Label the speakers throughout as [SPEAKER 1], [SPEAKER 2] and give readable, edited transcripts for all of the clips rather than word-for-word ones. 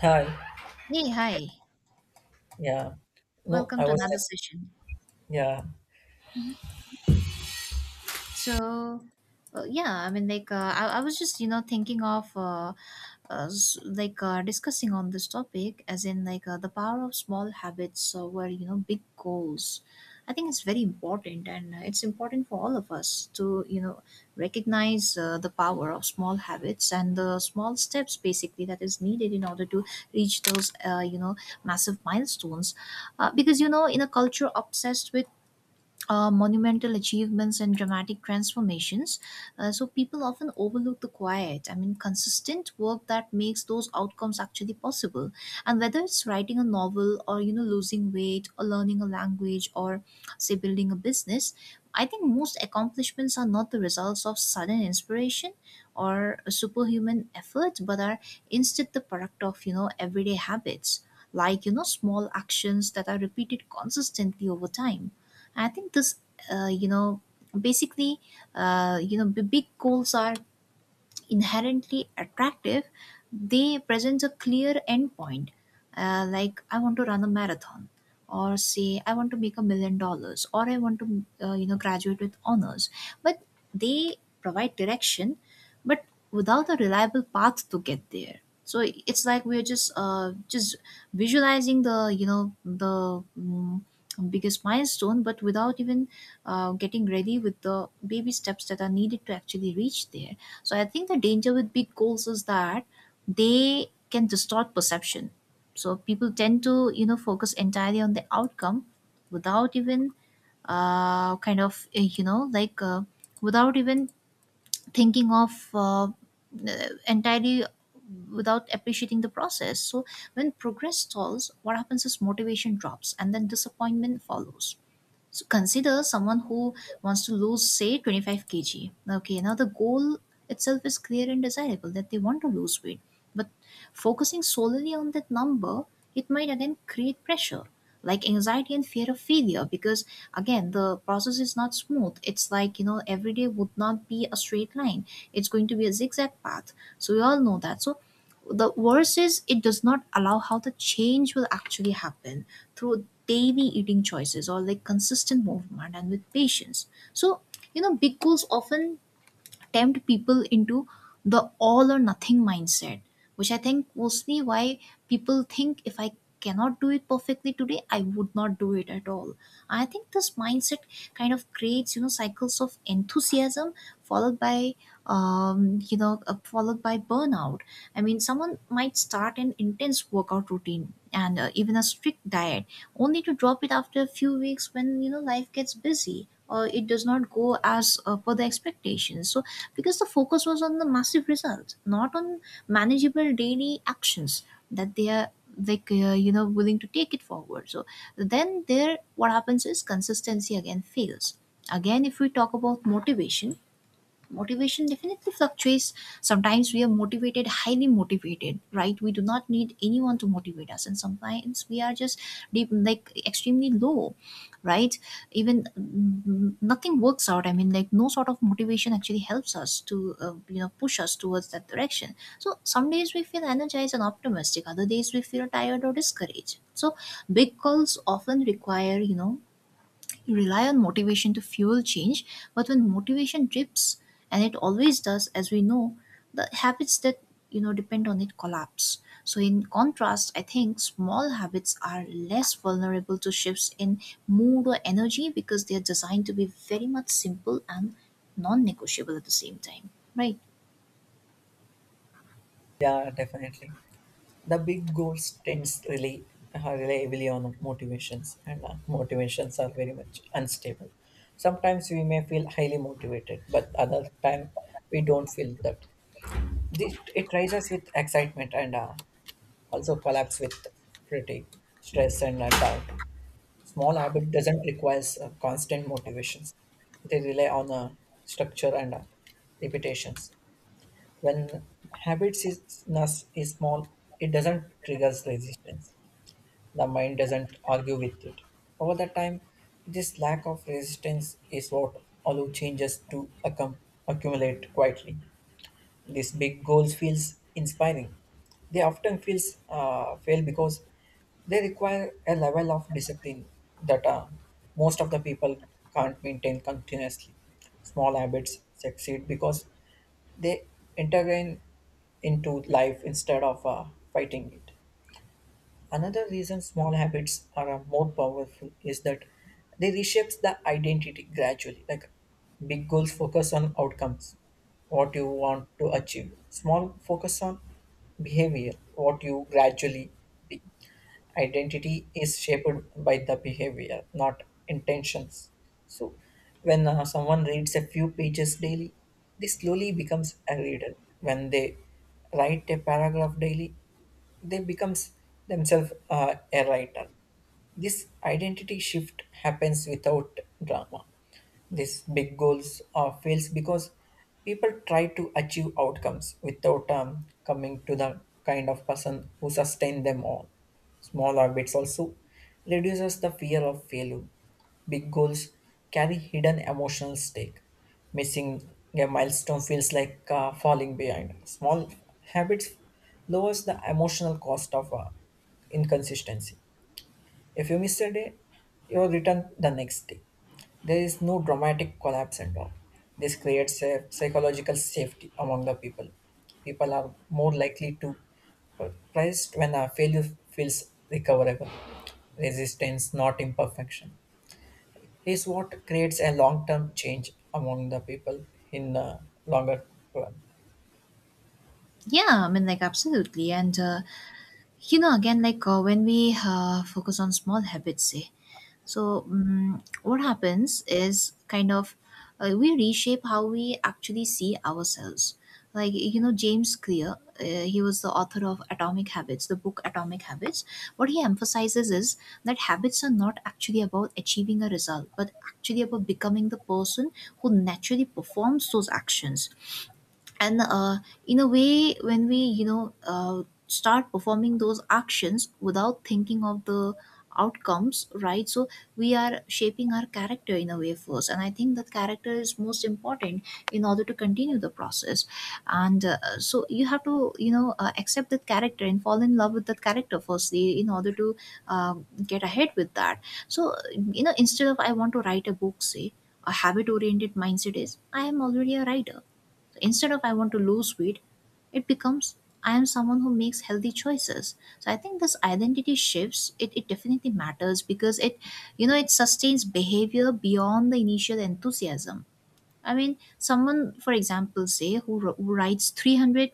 [SPEAKER 1] Hi.
[SPEAKER 2] Hey, hi.
[SPEAKER 1] Yeah. No,
[SPEAKER 2] Welcome
[SPEAKER 1] I
[SPEAKER 2] to
[SPEAKER 1] was
[SPEAKER 2] another
[SPEAKER 1] just
[SPEAKER 2] session.
[SPEAKER 1] yeah,
[SPEAKER 2] So, yeah, I mean, like, I was just, you know, thinking of, like, discussing on this topic, as in, like, the power of small habits over, you know, big goals. I think it's very important, and it's important for all of us to, you know, recognize the power of small habits and the small steps, basically, that is needed in order to reach those, you know, massive milestones. Because, you know, in a culture obsessed with monumental achievements and dramatic transformations. So people often overlook the quiet, I mean, consistent work that makes those outcomes actually possible. And whether it's writing a novel or, you know, losing weight or learning a language or, say, building a business, I think most accomplishments are not the results of sudden inspiration or a superhuman effort, but are instead the product of, you know, everyday habits. Like, you know, small actions that are repeated consistently over time. I think this, you know, basically, you know, the big goals are inherently attractive, they present a clear endpoint. Like I want to run a marathon, or say I want to make $1 million, or I want to you know graduate with honors. But they provide direction, but without a reliable path to get there. So it's like we're just just visualizing the you know the biggest milestone, but without even getting ready with the baby steps that are needed to actually reach there. So I think the danger with big goals is that they can distort perception. So people tend to, you know, focus entirely on the outcome without even kind of, you know, like without even thinking of entirely without appreciating the process. So when progress stalls, what happens is motivation drops and then disappointment follows. So consider someone who wants to lose, say, 25 kg. Okay, now the goal itself is clear and desirable that they want to lose weight. But focusing solely on that number, it might again create pressure, like anxiety and fear of failure, because again, the process is not smooth. It's like, you know, every day would not be a straight line, it's going to be a zigzag path. So, we all know that. So, the worst is it does not allow how the change will actually happen through daily eating choices or like consistent movement and with patience. So, you know, big goals often tempt people into the all or nothing mindset, which I think mostly why people think if I cannot do it perfectly today, I would not do it at all. I think this mindset kind of creates, you know, cycles of enthusiasm followed by, followed by burnout. I mean, someone might start an intense workout routine and even a strict diet only to drop it after a few weeks when you know life gets busy or it does not go as per the expectations. So because the focus was on the massive results, not on manageable daily actions that they are like you know willing to take it forward. So then there, what happens is consistency again fails. Again, if we talk about motivation, motivation definitely fluctuates. Sometimes we are motivated, highly motivated, right? We do not need anyone to motivate us, and sometimes we are just deep, like extremely low, right? Even nothing works out. I mean, like no sort of motivation actually helps us to you know push us towards that direction. So some days we feel energized and optimistic, other days we feel tired or discouraged. So big calls often require you know you rely on motivation to fuel change, but when motivation drips, and it always does, as we know, the habits that you know depend on it collapse. So, in contrast, I think small habits are less vulnerable to shifts in mood or energy because they are designed to be very much simple and non-negotiable at the same time, right?
[SPEAKER 1] Yeah, definitely. The big goals tends really rely heavily on motivations, and motivations are very much unstable. Sometimes we may feel highly motivated, but other time we don't feel that. This it rises with excitement and also collapse with fatigue, stress, and doubt. Small habit doesn't require constant motivations. They rely on structure and repetitions. When ness is small, it doesn't trigger resistance. The mind doesn't argue with it. Over the time, this lack of resistance is what allow changes to accumulate quietly. These big goals feels inspiring. They often feels fail because they require a level of discipline that most of the people can't maintain continuously. Small habits succeed because they intervene into life instead of fighting it. Another reason small habits are more powerful is that they reshapes the identity gradually. Like big goals focus on outcomes, what you want to achieve. Small focus on behavior, what you gradually be. Identity is shaped by the behavior, not intentions. So when someone reads a few pages daily, they slowly becomes a reader. When they write a paragraph daily, they becomes themselves a writer. This identity shift happens without drama. These big goals fails because people try to achieve outcomes without coming to the kind of person who sustain them all. Small habits also reduces the fear of failure. Big goals carry hidden emotional stake. Missing a milestone feels like falling behind. Small habits lowers the emotional cost of inconsistency. If you miss a day, you return the next day. There is no dramatic collapse at all. This creates a psychological safety among the people. People are more likely to price when a failure feels recoverable. Resistance, not imperfection, is what creates a long-term change among the people in the longer term.
[SPEAKER 2] Yeah, I mean, like absolutely, and you know, again, like when we focus on small habits, say so, what happens is kind of we reshape how we actually see ourselves. Like, you know, James Clear, he was the author of Atomic Habits, the book Atomic Habits. What he emphasizes is that habits are not actually about achieving a result, but actually about becoming the person who naturally performs those actions, and in a way when we you know start performing those actions without thinking of the outcomes, right? So we are shaping our character in a way first, and I think that character is most important in order to continue the process. And so you have to you know accept that character and fall in love with that character firstly in order to get ahead with that. So you know instead of I want to write a book, say a habit oriented mindset is I am already a writer. Instead of I want to lose weight, it becomes I am someone who makes healthy choices. So I think this identity shifts, it definitely matters because it you know it sustains behavior beyond the initial enthusiasm. I mean someone for example say who writes 300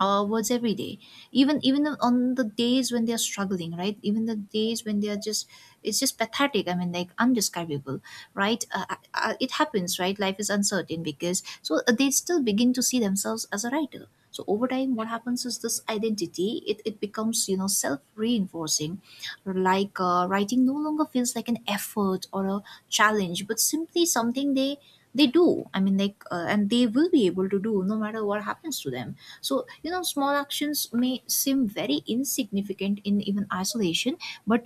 [SPEAKER 2] words every day, even on the days when they're struggling, right? Even the days when they're just, it's just pathetic. I mean, like undescribable, right? It happens, right? Life is uncertain because so they still begin to see themselves as a writer. So over time what happens is this identity, it becomes you know self-reinforcing. Like writing no longer feels like an effort or a challenge, but simply something they do, I mean, like and they will be able to do no matter what happens to them. So, you know, small actions may seem very insignificant in even isolation, but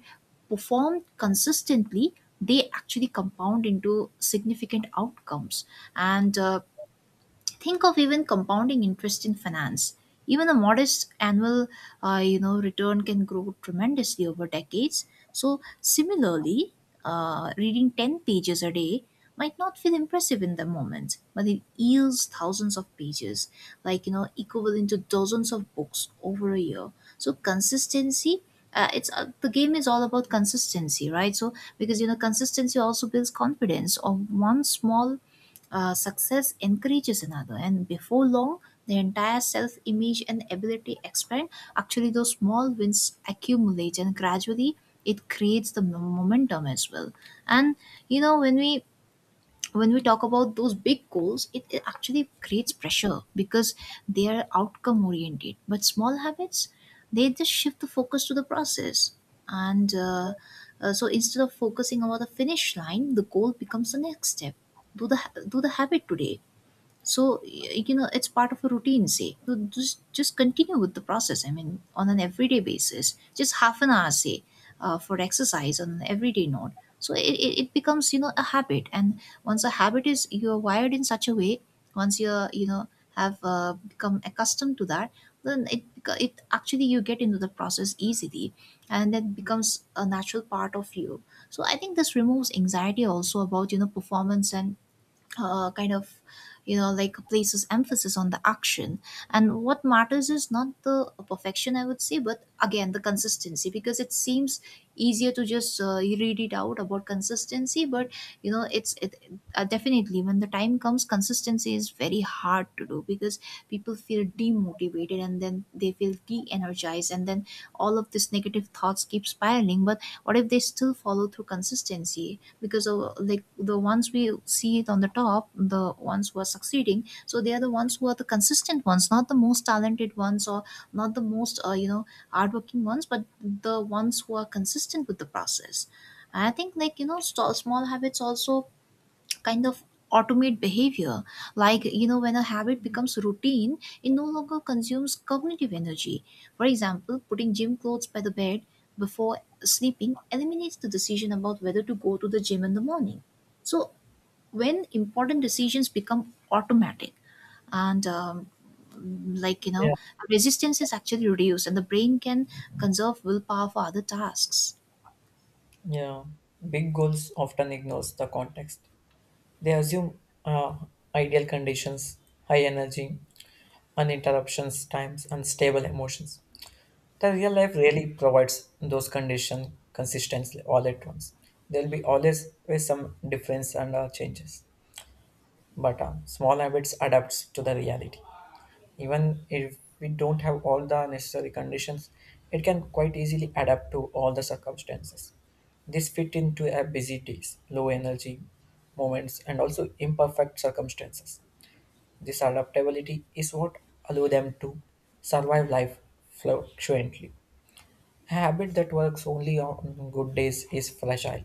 [SPEAKER 2] performed consistently, they actually compound into significant outcomes. And think of even compounding interest in finance. Even a modest annual you know return can grow tremendously over decades. So similarly reading 10 pages a day might not feel impressive in the moment, but it yields thousands of pages, like you know equivalent to dozens of books over a year. So consistency, it's the game is all about consistency, right? So because you know consistency also builds confidence of one small success encourages another, and before long, the entire self image and ability expand. Actually, those small wins accumulate, and gradually, it creates the momentum as well. And you know, when we talk about those big goals, it actually creates pressure because they are outcome oriented, but small habits, they just shift the focus to the process. And so instead of focusing about the finish line, the goal becomes the next step. Do the habit today. So you know it's part of a routine. Say so just continue with the process. I mean, on an everyday basis, just half an hour say for exercise on an everyday note. So it becomes you know a habit, and once a habit is you're wired in such a way, once you're you know have become accustomed to that, then it actually you get into the process easily, and that becomes a natural part of you. So I think this removes anxiety also about you know performance and kind of you know like places emphasis on the action, and what matters is not the perfection, I would say, but again the consistency. Because it seems easier to just read it out about consistency, but you know it's it definitely when the time comes consistency is very hard to do because people feel demotivated and then they feel de-energized, and then all of this negative thoughts keep spiraling. But what if they still follow through consistency, because of like the ones we see it on the top, the ones who are succeeding. So they are the ones who are the consistent ones, not the most talented ones or not the most you know hardworking ones, but the ones who are consistent with the process. I think like you know small habits also kind of automate behavior. Like you know when a habit becomes routine, it no longer consumes cognitive energy. For example, putting gym clothes by the bed before sleeping eliminates the decision about whether to go to the gym in the morning. So when important decisions become automatic and like you know,
[SPEAKER 1] Yeah,
[SPEAKER 2] resistance is actually reduced and the brain can conserve willpower for other tasks.
[SPEAKER 1] yeah. Big goals often ignores the context. They assume ideal conditions, high energy, uninterruptions times, and stable emotions. The real life really provides those conditions consistently all at once. There will be always with some difference and changes, but small habits adapts to the reality. Even if we don't have all the necessary conditions, it can quite easily adapt to all the circumstances. This fit into a busy days, low energy moments, and also imperfect circumstances. This adaptability is what allow them to survive life fluctuantly. A habit that works only on good days is fragile,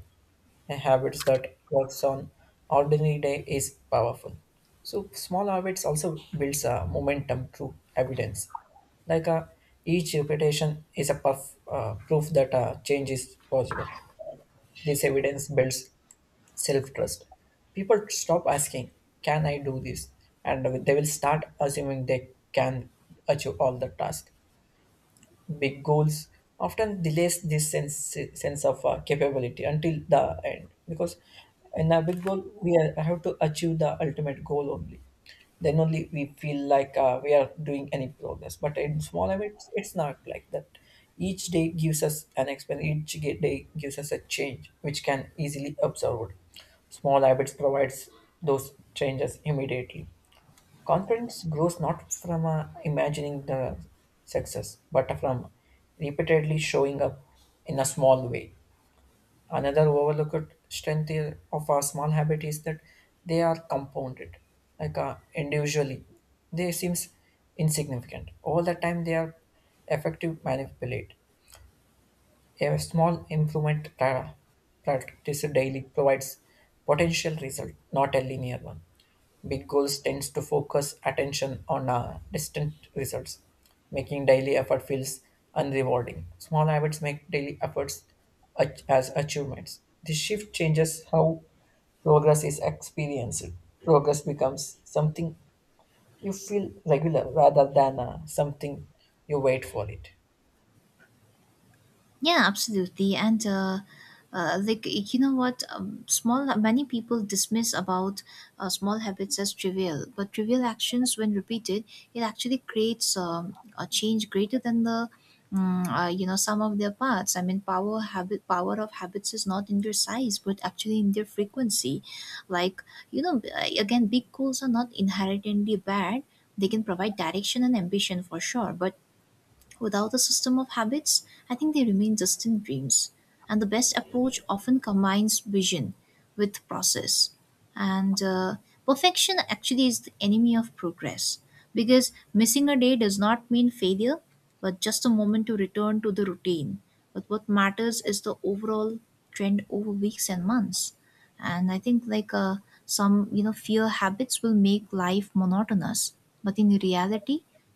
[SPEAKER 1] a habits that works on ordinary day is powerful. So small habits also builds a momentum through evidence. Like each repetition is a proof that change is possible. This evidence builds self-trust. People stop asking, "Can I do this?" and they will start assuming they can achieve all the task. Big goals often delays this sense of capability until the end because in a big goal we are, have to achieve the ultimate goal only then only we feel like we are doing any progress, but in small habits it's not like that. Each day gives us an experience, each day gives us a change which can easily observed. Small habits provides those changes immediately. Confidence grows not from imagining the success, but from repeatedly showing up in a small way. Another overlooked strength of a small habit is that they are compounded, like individually. They seems insignificant. Over the time, they are effective manipulate. A small improvement practiced daily provides potential result, not a linear one. Big goals tends to focus attention on distant results, making daily effort feels unrewarding. Small habits make daily efforts as achievements. This shift changes how progress is experienced. Progress becomes something you feel regular rather than something you wait for it.
[SPEAKER 2] Yeah, absolutely. And like you know what, small many people dismiss about small habits as trivial, but trivial actions, when repeated, it actually creates a change greater than the you know sum of their parts. I mean, power of habits is not in their size, but actually in their frequency. Like you know, again, big goals are not inherently bad. They can provide direction and ambition for sure, but without a system of habits, I think they remain distant dreams. And the best approach often combines vision with process. And perfection actually is the enemy of progress because missing a day does not mean failure, but just a moment to return to the routine. But what matters is the overall trend over weeks and months. And I think like some you know fear habits will make life monotonous, but in reality,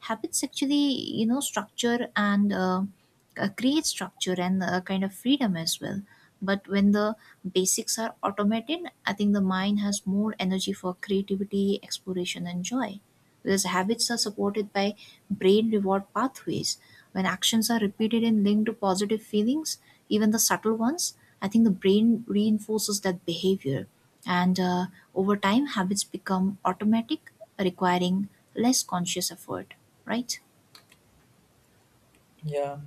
[SPEAKER 2] habits actually you know structure and create structure and kind of freedom as well. But when the basics are automated, I think the mind has more energy for creativity, exploration and joy. These habits are supported by brain reward pathways. When actions are repeated and linked to positive feelings, even the subtle ones, I think the brain reinforces that behavior. And over time, habits become automatic, requiring less conscious effort, right?
[SPEAKER 1] Yeah.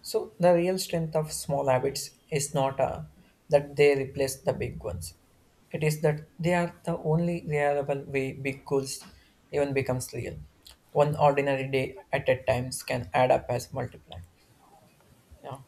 [SPEAKER 1] So the real strength of small habits is not that they replace the big ones. It is that they are the only reliable way big goals even becomes real. One ordinary day at a times can add up as multiply. Yeah.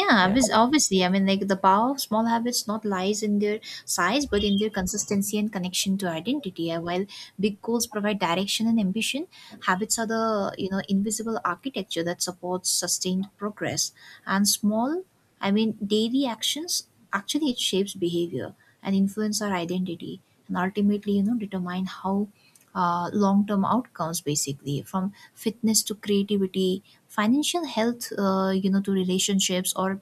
[SPEAKER 2] Yeah,
[SPEAKER 1] Yeah.
[SPEAKER 2] obviously. I mean, like the power of small habits not lies in their size, but in their consistency and connection to identity. While big goals provide direction and ambition, habits are the you know invisible architecture that supports sustained progress. And small, I mean, daily actions actually it shapes behavior and influence our identity, and ultimately, you know, determine how long term outcomes basically from fitness to creativity, financial health, you know, to relationships or.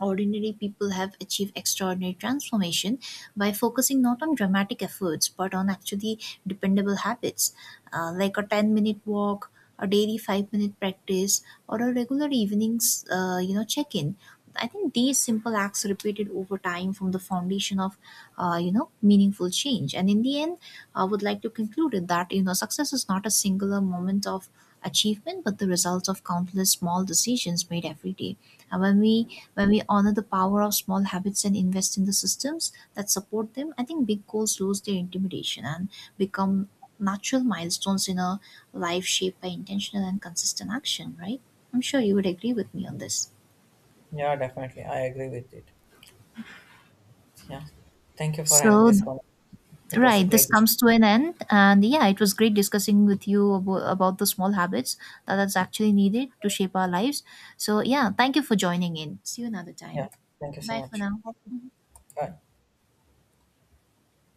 [SPEAKER 2] Ordinary people have achieved extraordinary transformation by focusing not on dramatic efforts but on actually dependable habits, like a 10-minute walk, a daily 5-minute practice, or a regular evenings you know check in. I think these simple acts repeated over time from the foundation of you know meaningful change. And in the end, I would like to conclude it that you know success is not a singular moment of achievement but the result of countless small decisions made every day. And when we honor the power of small habits and invest in the systems that support them, I think big goals lose their intimidation and become natural milestones in a life shaped by intentional and consistent action, right? I'm sure you would agree with me on this.
[SPEAKER 1] Yeah, definitely. I agree with it. Yeah. Thank you for having
[SPEAKER 2] So,
[SPEAKER 1] this one. It was a
[SPEAKER 2] right, this
[SPEAKER 1] great.
[SPEAKER 2] comes to an end. And yeah, it was great discussing with you about the small habits that's actually needed to shape our lives. So, yeah, thank you for joining in. See you another
[SPEAKER 1] Yeah.
[SPEAKER 2] time.
[SPEAKER 1] Thank you so
[SPEAKER 2] Bye for
[SPEAKER 1] much.
[SPEAKER 2] now.
[SPEAKER 1] Bye.